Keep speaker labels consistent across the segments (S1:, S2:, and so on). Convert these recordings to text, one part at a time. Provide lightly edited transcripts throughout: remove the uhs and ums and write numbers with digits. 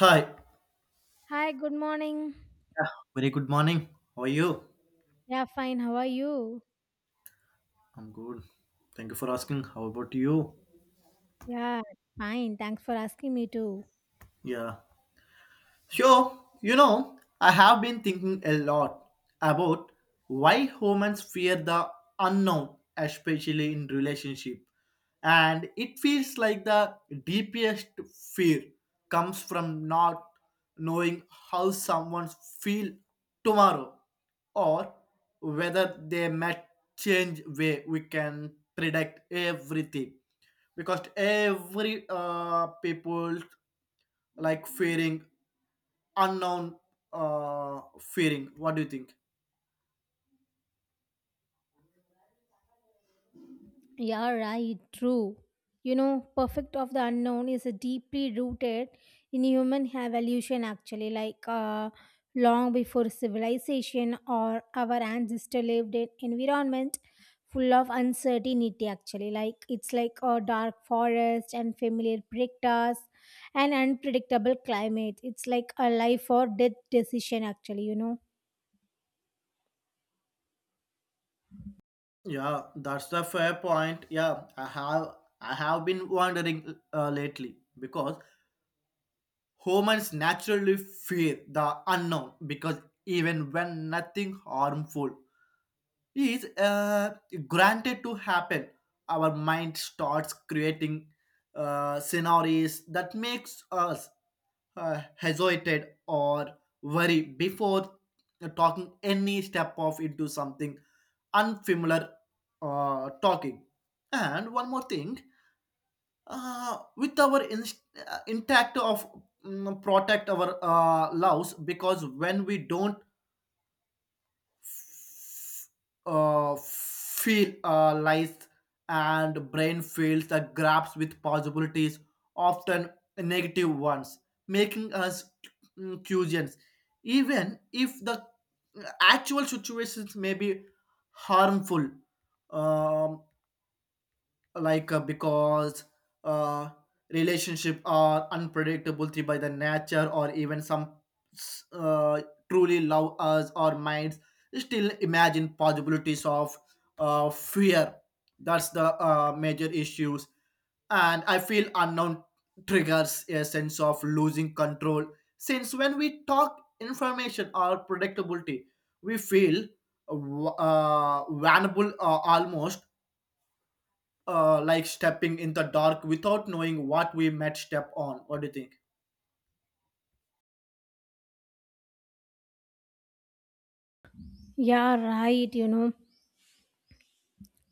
S1: Hi. Yeah,
S2: Hi, good morning.
S1: very good morning. How are you?
S2: Yeah, fine. How are you?
S1: I'm good. Thank you for asking. How about you?
S2: Yeah, fine. Thanks for asking me too.
S1: Yeah. Sure, I have been thinking a lot about why humans fear the unknown, especially in relationship. And it feels like the deepest fear comes from not knowing how someone feel tomorrow, or whether they might change way we can predict everything, because every people like fearing unknown, fearing. What do you think?
S2: Yeah, right, true. Perfect of the unknown is a deeply rooted in human evolution, actually, like long before civilization or our ancestor lived in environment full of uncertainty, actually. Like it's like a dark forest and familiar predators and unpredictable climate. It's like a life or death decision, actually, you know.
S1: Yeah, that's the fair point. Yeah, I have been wondering lately, because humans naturally fear the unknown, because even when nothing harmful is granted to happen, our mind starts creating scenarios that makes us hesitated or worry before talking any step off into something unfamiliar, talking. And one more thing, with our intact of protect our loves, because when we don't feel lies and brain fills the grasp with possibilities, often negative ones, making us curious, even if the actual situations may be harmful. Um, like because uh, relationship are unpredictable three by the nature, or even some uh, truly love us or minds still imagine possibilities of fear. That's the major issues, and I feel unknown triggers a sense of losing control, since when we talk information or predictability, we feel vulnerable, almost like stepping in the dark without knowing what we might step on. What do you think?
S2: Yeah, right,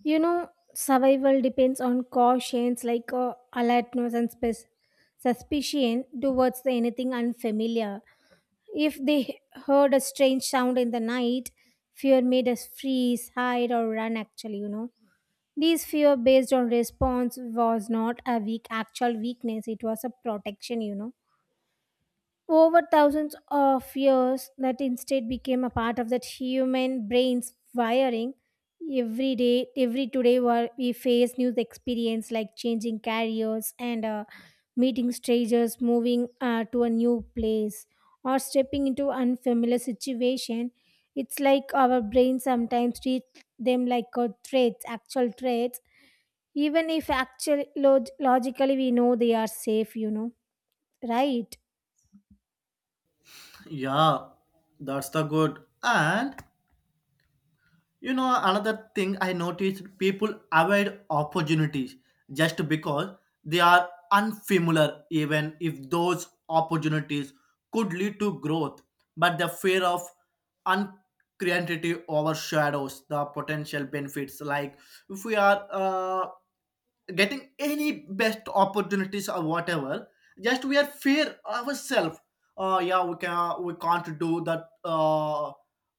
S2: You know, survival depends on cautions like alertness and suspicion towards the anything unfamiliar. If they heard a strange sound in the night, fear made us freeze, hide, or run. Actually, this fear based on response was not a weak actual weakness; it was a protection. Over thousands of years that instead became a part of that human brain's wiring every day every today we face new experience like changing careers and meeting strangers, moving to a new place, or stepping into unfamiliar situation. It's like our brain sometimes treat them like a threats, actual threats, even if actual logically we know they are safe. Right.
S1: Yeah, that's the good. And another thing I noticed, people avoid opportunities just because they are unfamiliar, even if those opportunities could lead to growth. But the fear of uncreativity overshadows the potential benefits. Like, if we are getting any best opportunities or whatever, just we are fair ourselves. Oh yeah, we can, we can't do that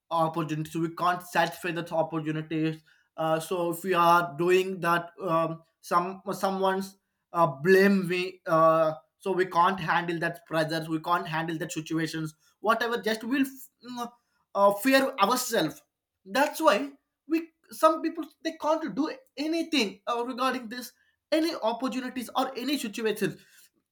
S1: opportunities, we can't satisfy that opportunities. So if we are doing that, someone's blame me, so we can't handle that pressures, we can't handle that situations, whatever. Just we'll fear ourselves. That's why we, some people, they can't do anything regarding this any opportunities or any situations.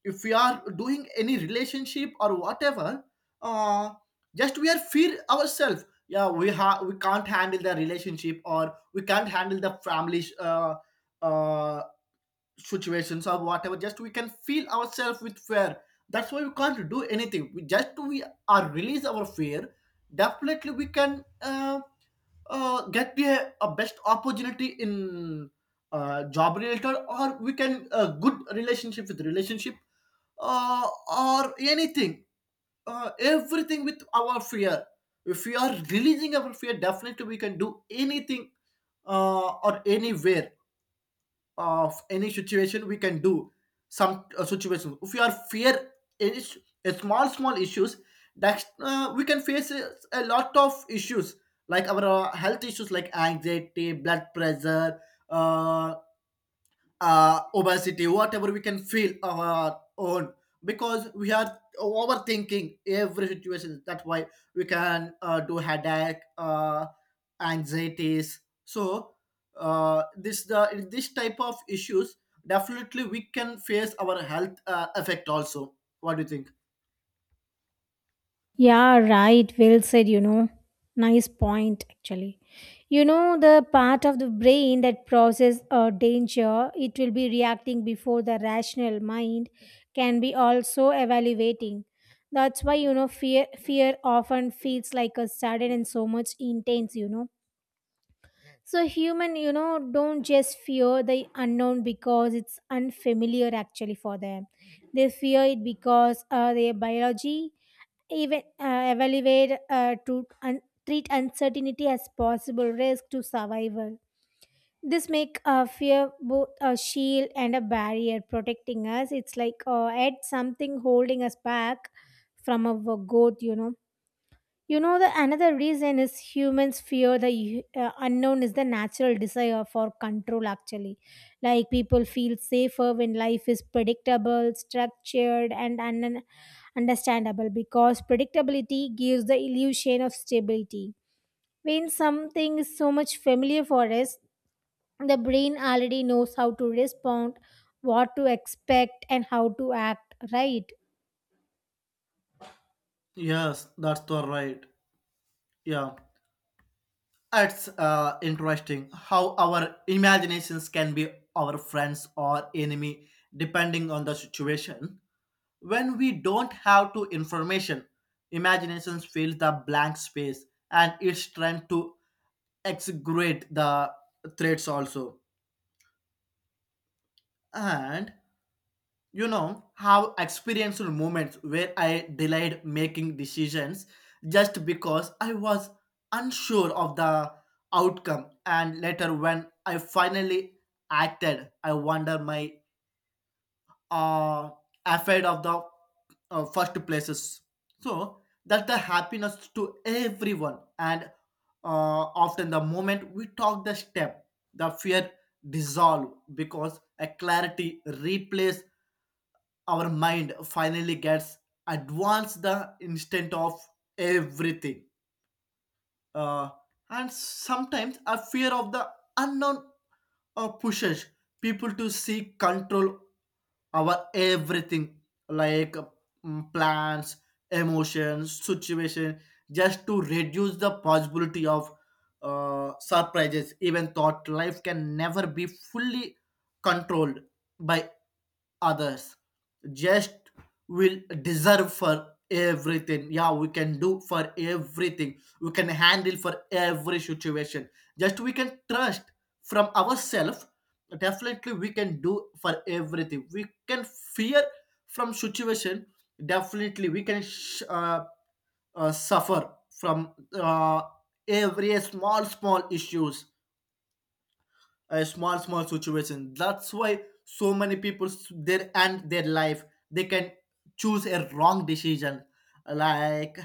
S1: If we are doing any relationship or whatever, uh, just we are fear ourselves. Yeah, we have, we can't handle the relationship, or we can't handle the family uh, situations or whatever. Just we can feel ourselves with fear, that's why we can't do anything. We just we are release our fear, definitely we can get the a best opportunity in job related, or we can good relationship with relationship, uh, or anything, everything with our fear. If we are releasing our fear, definitely we can do anything or anywhere, of any situation we can do. Some situations, if you are fear any a small small issues, that we can face a lot of issues, like our health issues like anxiety, blood pressure, uh, obesity, whatever, we can feel on our own, because we are overthinking every situation. That's why we can do headache, anxieties. So this the this type of issues, definitely we can face our health effect also. What do you think?
S2: Yeah, right. Well said, Nice point, actually. The part of the brain that process danger, it will be reacting before the rational mind can be also evaluating. That's why, fear often feels like a sudden and so much intense, so human, don't just fear the unknown because it's unfamiliar actually for them. They fear it because their biology even evaluate to treat uncertainty as possible risk to survival. This make fear both a shield and a barrier protecting us. It's like add something holding us back from our growth, the another reason is humans fear the unknown is the natural desire for control, actually. Like people feel safer when life is predictable, structured, and understandable because predictability gives the illusion of stability. When something is so much familiar for us, the brain already knows how to respond, what to expect, and how to act, right?
S1: Yes, that's the right. Yeah. It's interesting how our imaginations can be our friends or enemy, depending on the situation. When we don't have to information, imaginations fills the blank space, and it's trying to exaggerate the threats also. And have experienced moments where I delayed making decisions just because I was unsure of the outcome, and later when I finally acted I wonder my uh afraid of the first places. So that's the happiness to everyone. And often the moment we talk the step, the fear dissolve, because a clarity replace. Our mind finally gets advanced the instant of everything, uh, and sometimes a fear of the unknown pushes people to seek control over everything, like plans, emotions, situation, just to reduce the possibility of surprises, even thought life can never be fully controlled by others. Just will deserve for everything, yeah we can do for everything, we can handle for every situation. Just we can trust from ourselves, definitely we can do for everything. We can fear from situation, definitely we can suffer from every small small issues, small small situation. That's why so many people their end their life, they can choose a wrong decision like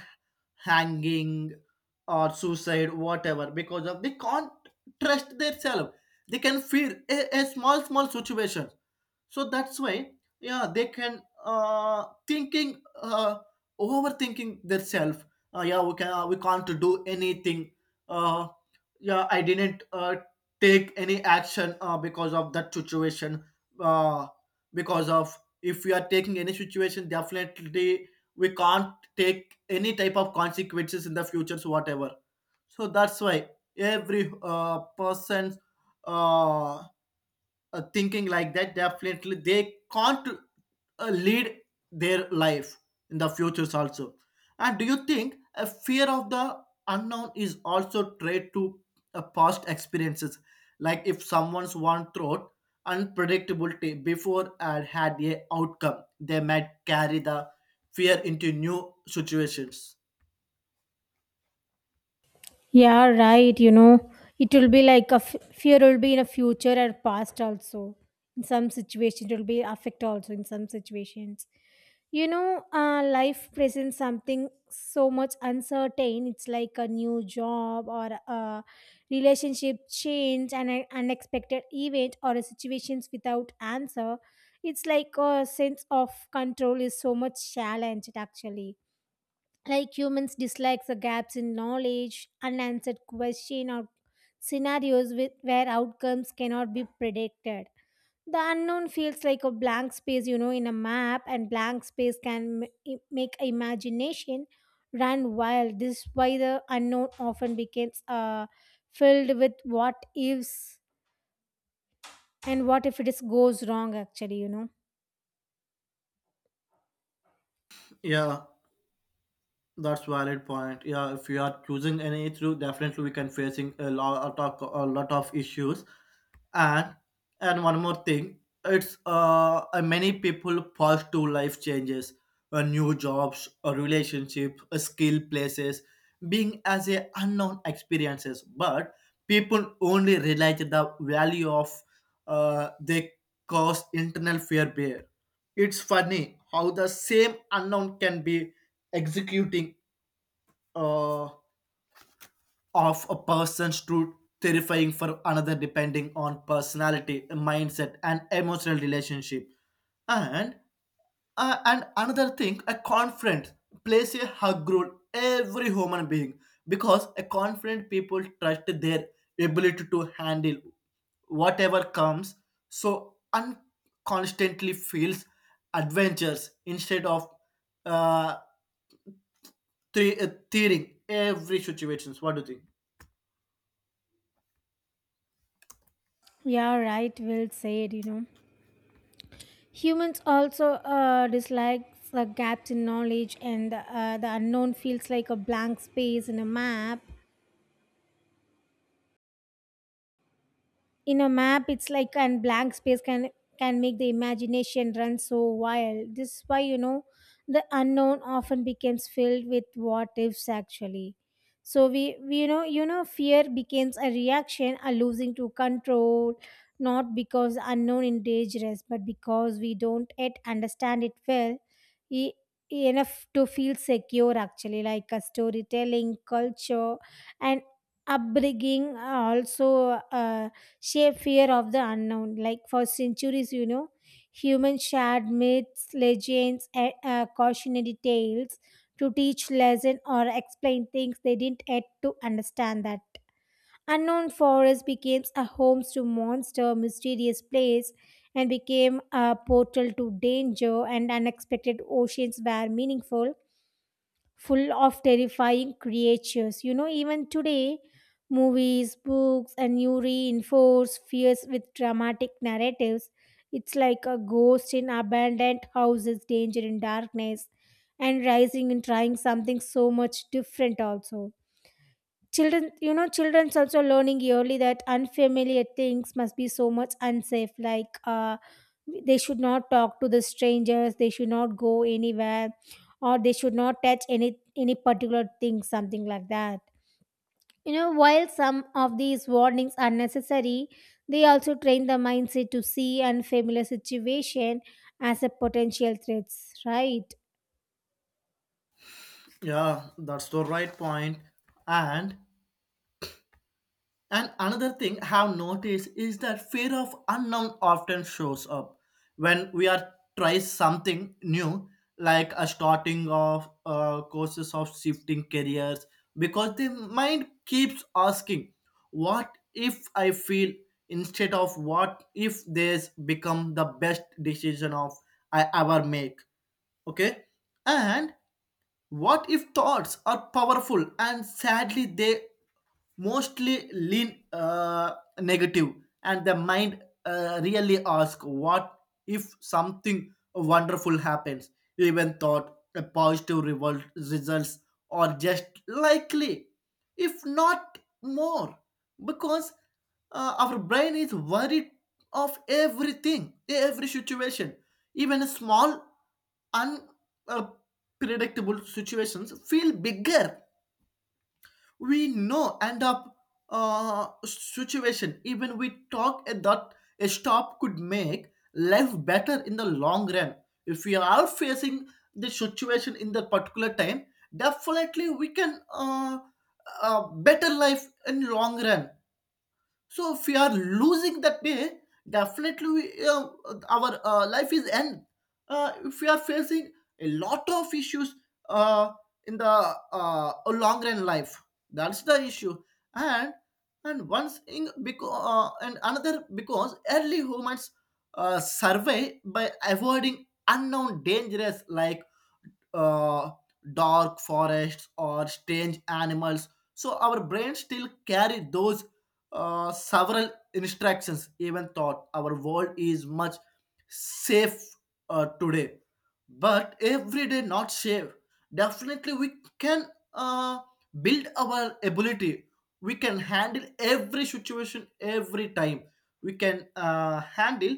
S1: hanging or suicide, whatever, because of they can't trust themselves, they can fear a small small situation. So that's why, yeah, they can thinking, overthinking themselves, yeah we can we can't do anything, uh yeah I didn't take any action because of that situation, uh, because of, if we are taking any situation, definitely we can't take any type of consequences in the future, so whatever. So that's why every person's uh, thinking like that, definitely they can't lead their life in the futures also. And do you think a fear of the unknown is also tied to past experiences? Like, if someone's one thought unpredictability before and had a outcome, they might carry the fear into new situations.
S2: Yeah, right. It will be like a fear will be in a future or past also. In some situations, it will be affect also. In some situations, life presents something so much uncertain. It's like a new job or a relationship change, an unexpected event, or a situations without answer. It's like a sense of control is so much challenged actually, like humans dislike the gaps in knowledge, unanswered question or scenarios with, where outcomes cannot be predicted. The unknown feels like a blank space, in a map, and blank space can make imagination run wild. This is why the unknown often becomes filled with what ifs, and what if it is goes wrong actually,
S1: Yeah, that's valid point. Yeah, if you are choosing any issue, definitely we can facing a lot of issues. And and one more thing, it's many people pass through life changes, new jobs, a relationship, a skill places, being as a unknown experiences, but people only realize the value of they cause internal fear bear. It's funny how the same unknown can be executing uh, of a person's, to terrifying for another, depending on personality, mindset, and emotional relationship. And and another thing, a confident plays a hug role every human being, because a confident people trust their ability to handle whatever comes, so constantly feels adventures instead of uh, theory every situations. What do you think?
S2: yeah, right. Will said, Humans also dislike the gaps in knowledge, and the unknown feels like a blank space in a map. In a map, it's like, and blank space can make the imagination run so wild. This is why, the unknown often becomes filled with what ifs actually. So we fear becomes a reaction, a losing to control, not because the unknown is dangerous, but because we don't yet understand it well e- enough to feel secure actually. Like a storytelling culture and upbringing also sheer fear of the unknown. Like for centuries, humans shared myths, legends, and cautionary tales to teach lesson or explain things they didn't yet to understand that. Unknown forest became a home to monster, mysterious place, and became a portal to danger, and unexpected oceans were meaningful, full of terrifying creatures. You know, even today, movies, books, and you reinforce fears with dramatic narratives. It's like a ghost in abandoned houses, danger in darkness, and rising and trying something so much different, also. Children, children's also learning yearly that unfamiliar things must be so much unsafe. Like they should not talk to the strangers. They should not go anywhere, or they should not touch any particular thing, something like that. You know, while some of these warnings are necessary, they also train the mindset to see unfamiliar situation as a potential threats. Right?
S1: Yeah, that's the right point. And and another thing I've noticed is that fear of unknown often shows up when we are try something new, like a starting of courses of shifting careers, because the mind keeps asking, "What if I feel?" instead of "What if this become the best decision of I ever make?" Okay. And what if thoughts are powerful, and sadly they mostly lean negative, and the mind really ask, what if something wonderful happens, even thought a positive revolt results or just likely if not more, because our brain is worried of everything every situation, even a small unpredictable situations feel bigger. We know end up situation. Even we talk that a stop could make life better in the long run. If we are facing the situation in the particular time, definitely we can better life in long run. So if we are losing that day, definitely we, our life is end. If we are facing a lot of issues uh, in the long run life, that's the issue. And and once in because and another, because early humans survey by avoiding unknown dangers, like uh, dark forests or strange animals. So our brains still carry those several instructions, even thought our world is much safe today. But every day not safe. Definitely we can uh, build our ability. We can handle every situation every time. We can handle,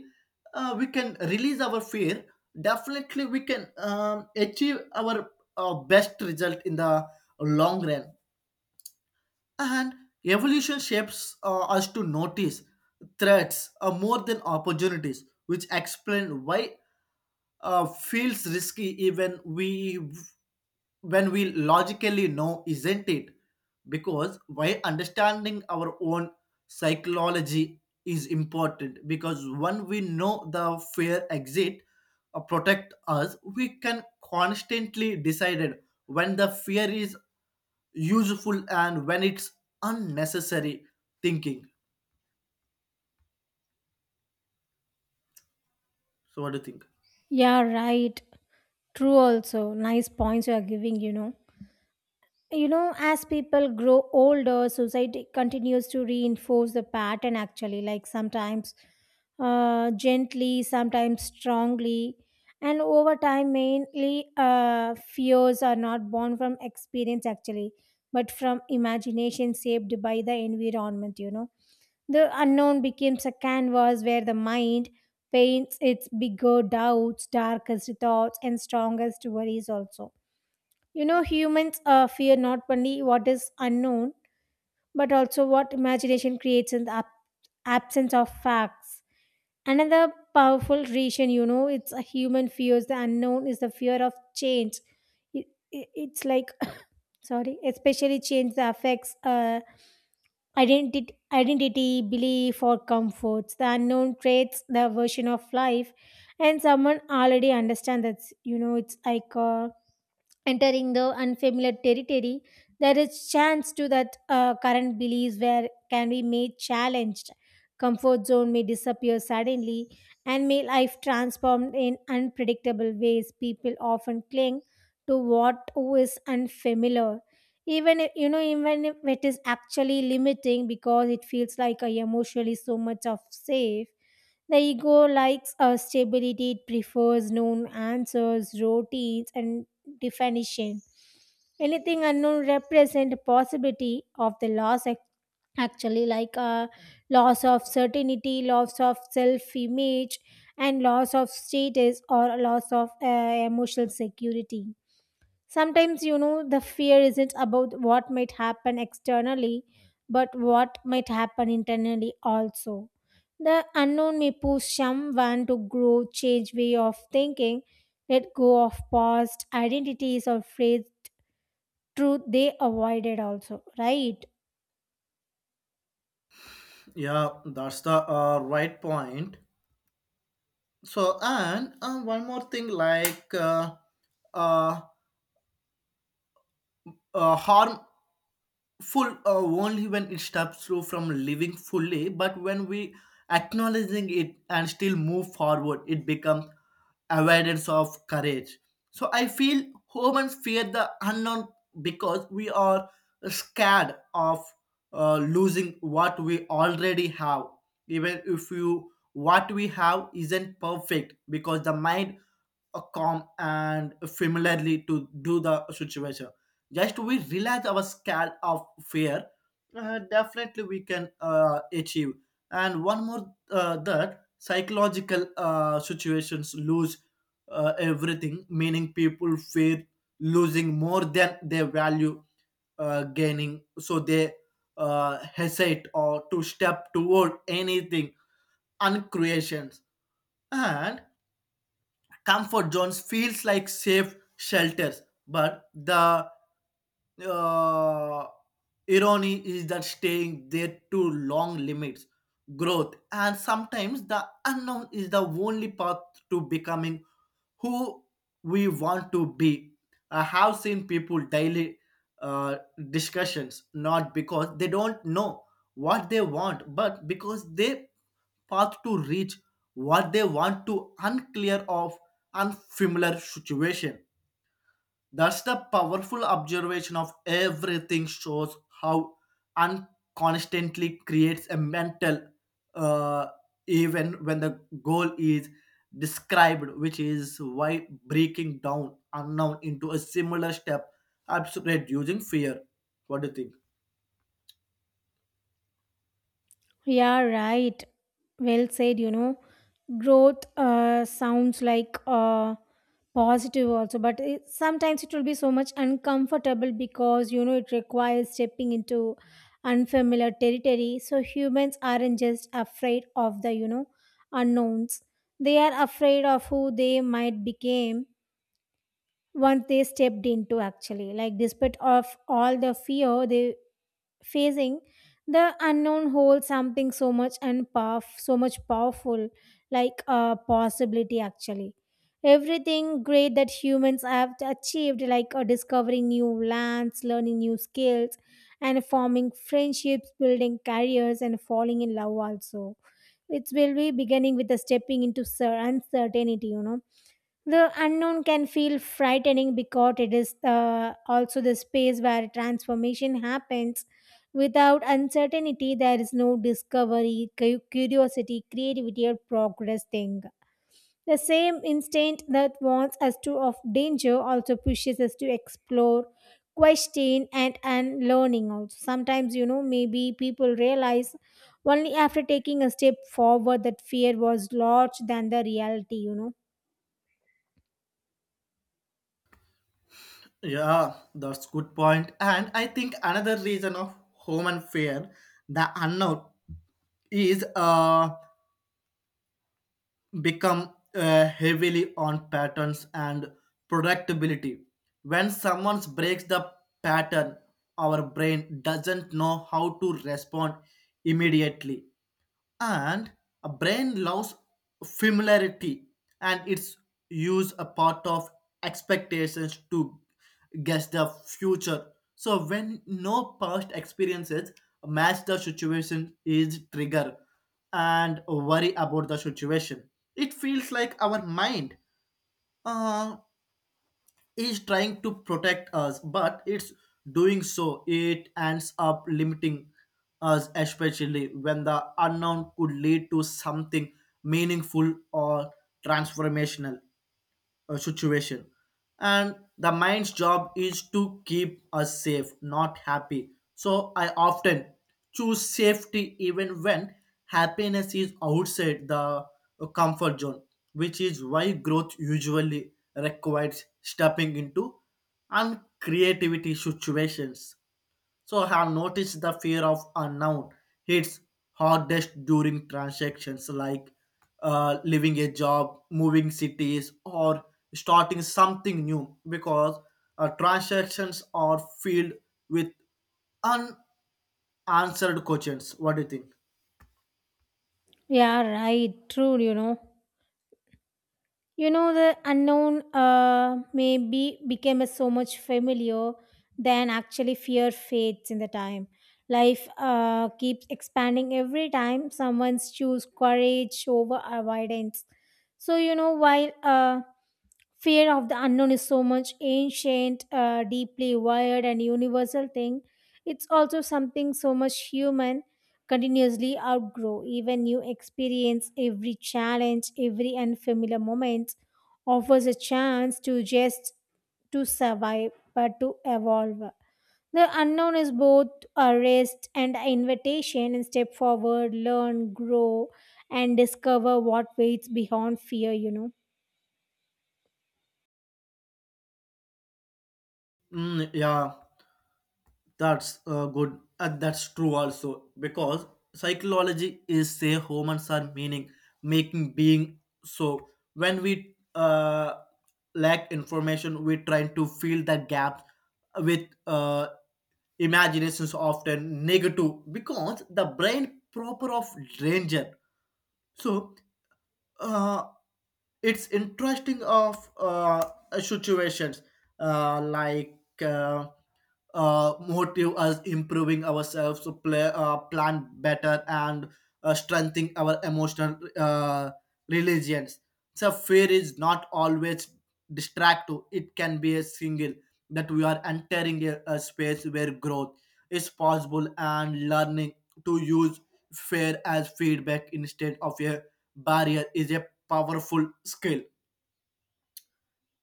S1: we can release our fear, definitely we can achieve our best result in the long run. And evolution shapes us to notice threats more than opportunities, which explain why feels risky, even we when we logically know, isn't it? Because why understanding our own psychology is important, because when we know the fear exit protect us, we can constantly decide it when the fear is useful and when it's unnecessary thinking. So what do you think?
S2: Yeah, right. True. Also, nice points you are giving. You know, as people grow older, society continues to reinforce the pattern actually, like sometimes gently, sometimes strongly. And over time, mainly fears are not born from experience actually, but from imagination shaped by the environment, The unknown becomes a canvas where the mind paints its bigger doubts, darkest thoughts, and strongest worries also. You know, humans fear not only what is unknown, but also what imagination creates in the absence of facts. Another powerful reason, it's a human fears the unknown is the fear of change. It's like, sorry, especially change that affects identity, belief, or comforts. The unknown creates the version of life, and someone already understands that, it's like. Entering the unfamiliar territory, there is chance to that current beliefs where can be made challenged. Comfort zone may disappear suddenly, and may life transformed in unpredictable ways. People often cling to what is unfamiliar, even if, even if it is actually limiting because it feels like a emotionally so much of safe. The ego likes stability, it prefers known answers, routines, and definition. Anything unknown represent possibility of the loss actually, like a loss of certainty, loss of self-image, and loss of status, or loss of emotional security. Sometimes, the fear isn't about what might happen externally, but what might happen internally also. The unknown may push someone to grow, change way of thinking, let go of past identities, or phrase truth they avoided also, right?
S1: Yeah, that's the right point. So, and one more thing, like uh, harmful only when it stops you from living fully, but when we acknowledging it and still move forward, it becomes awareness of courage. So I feel humans fear the unknown because we are scared of losing what we already have, even if you what we have isn't perfect, because the mind calm and familiarly to do the situation. Just we realize our scale of fear, definitely we can achieve. And one more that psychological situations lose everything, meaning people fear losing more than they value gaining, so they hesitate or to step toward anything uncreations and comfort zones feels like safe shelters, but the uh, irony is that staying there too long limits growth, and sometimes the unknown is the only path to becoming who we want to be. I have seen people daily uh, discussions, not because they don't know what they want, but because they path to reach what they want to unclear of unfamiliar situation. That's the powerful observation of everything, shows how unconstantly creates a mental uh, even when the goal is described, which is why breaking down unknown into a similar step helps reducing fear. What do you think?
S2: Yeah, right. Well said, Growth sounds like positive also, but it, sometimes it will be so much uncomfortable because, it requires stepping into unfamiliar territory. So humans aren't just afraid of the, unknowns. They are afraid of who they might become once they stepped into actually. Like despite of all the fear, they facing the unknown holds something so much and power, so much powerful, like a possibility actually. Everything great that humans have achieved, like discovering new lands, learning new skills, and forming friendships, building careers, and falling in love also, it will be beginning with the stepping into uncertainty, the unknown can feel frightening because it is also the space where transformation happens. Without uncertainty, there is no discovery, curiosity, creativity, or progress thing. The same instinct that warns us to of danger also pushes us to explore, question, and learning. Also, sometimes, maybe people realize only after taking a step forward that fear was larger than the reality.
S1: Yeah, that's good point. And I think another reason of home and fear, the unknown, is become heavily on patterns and predictability. When someone breaks the pattern, our brain doesn't know how to respond immediately, and a brain loves familiarity, and its use a part of expectations to guess the future. So when no past experiences match, the situation is trigger and worry about the situation. It feels like our mind uh, is trying to protect us, but it's doing so, it ends up limiting us, especially when the unknown could lead to something meaningful or transformational situation. And the mind's job is to keep us safe, not happy, so I often choose safety even when happiness is outside the comfort zone, which is why growth usually requires stepping into uncreativity situations. So I have noticed the fear of unknown hits hardest during transactions like leaving a job, moving cities, or starting something new, because transactions are filled with unanswered questions. What do you think?
S2: Yeah, right. True, You know, the unknown maybe became a so much familiar than actually fear fades in the time. Life keeps expanding every time someone's choose courage over avoidance. So, while fear of the unknown is so much ancient, deeply wired and universal thing, it's also something so much human continuously outgrow. Even new experience, every challenge, every unfamiliar moment offers a chance to just to survive, but to evolve. The unknown is both a rest and an invitation, and step forward, learn, grow, and discover what waits beyond fear,
S1: Mm, yeah, that's good. And that's true also because psychology is say humans are meaning making being. So when we lack information, we try to fill that gap with imaginations often negative because the brain proper of danger. So, uh, it's interesting of situations like motive us improving ourselves to play, plan better, and strengthening our emotional religions. So fear is not always distractive. It can be a single that we are entering a space where growth is possible, and learning to use fear as feedback instead of a barrier is a powerful skill.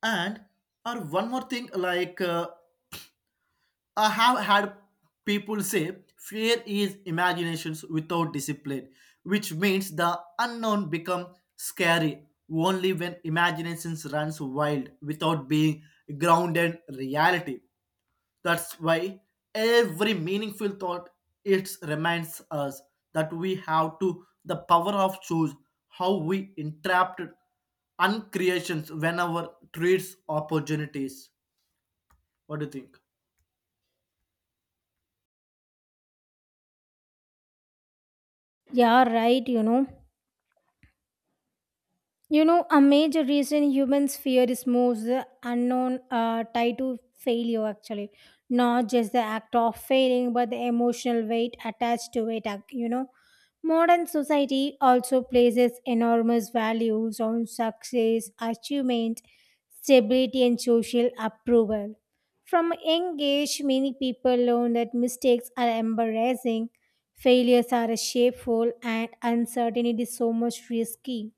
S1: And or one more thing, like I have had people say fear is imaginations without discipline, which means the unknown become scary only when imaginations runs wild without being grounded in reality. That's why every meaningful thought, it reminds us that we have to the power of choose how we entrapped uncreations whenever treats opportunities. What do you think?
S2: yeah, right, You know, a major reason humans fear is more the unknown tied to failure, actually. Not just the act of failing, but the emotional weight attached to it, Modern society also places enormous values on success, achievement, stability, and social approval. From a young age, many people learn that mistakes are embarrassing, failures are shameful, and uncertainty is so much risky.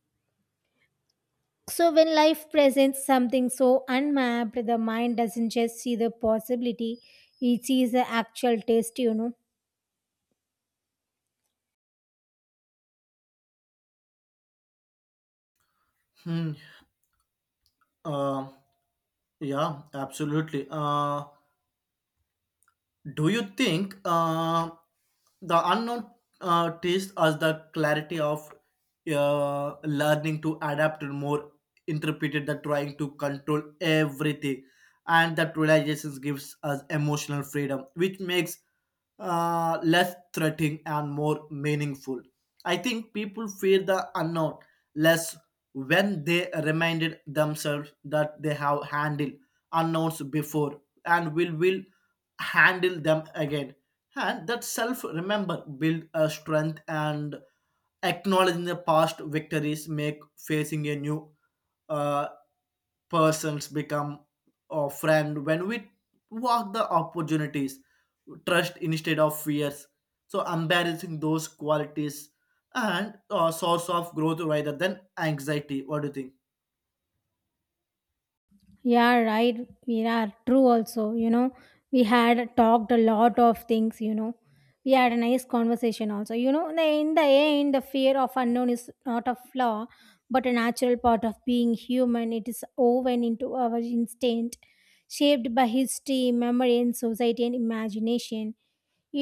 S2: So, when life presents something so unmapped, the mind doesn't just see the possibility, it sees the actual test,
S1: Hmm. Uh, yeah, absolutely. Do you think the unknown teaches us the clarity of learning to adapt and more interpreted than trying to control everything, and that realization gives us emotional freedom, which makes less threatening and more meaningful. I think people fear the unknown less when they reminded themselves that they have handled unknowns before and will handle them again. And that self remember build a strength, and acknowledging the past victories make facing a new uh, persons become a friend. When we walk the opportunities trust instead of fears, so embarrassing those qualities and a source of growth rather than anxiety. What do you think?
S2: Yeah, right. We are true also. We had talked a lot of things, We had a nice conversation also. You know, the- in the end, the fear of unknown is not a flaw, but a natural part of being human. It is woven into our instinct, shaped by history, memory, and society and imagination.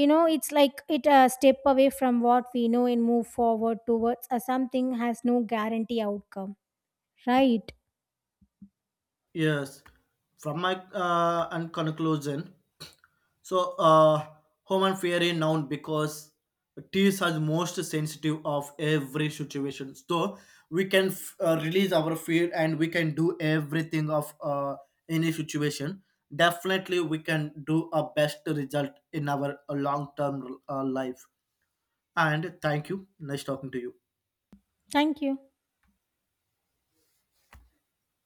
S2: You know, it's like it step away from what we know and move forward towards something has no guarantee outcome. Right.
S1: Yes, from my and conclusion. So, human fear is known because tears are most sensitive of every situation. So, we can release our fear, and we can do everything of any situation. Definitely, we can do a best result in our long term life. And thank you. Nice talking to you.
S2: Thank you.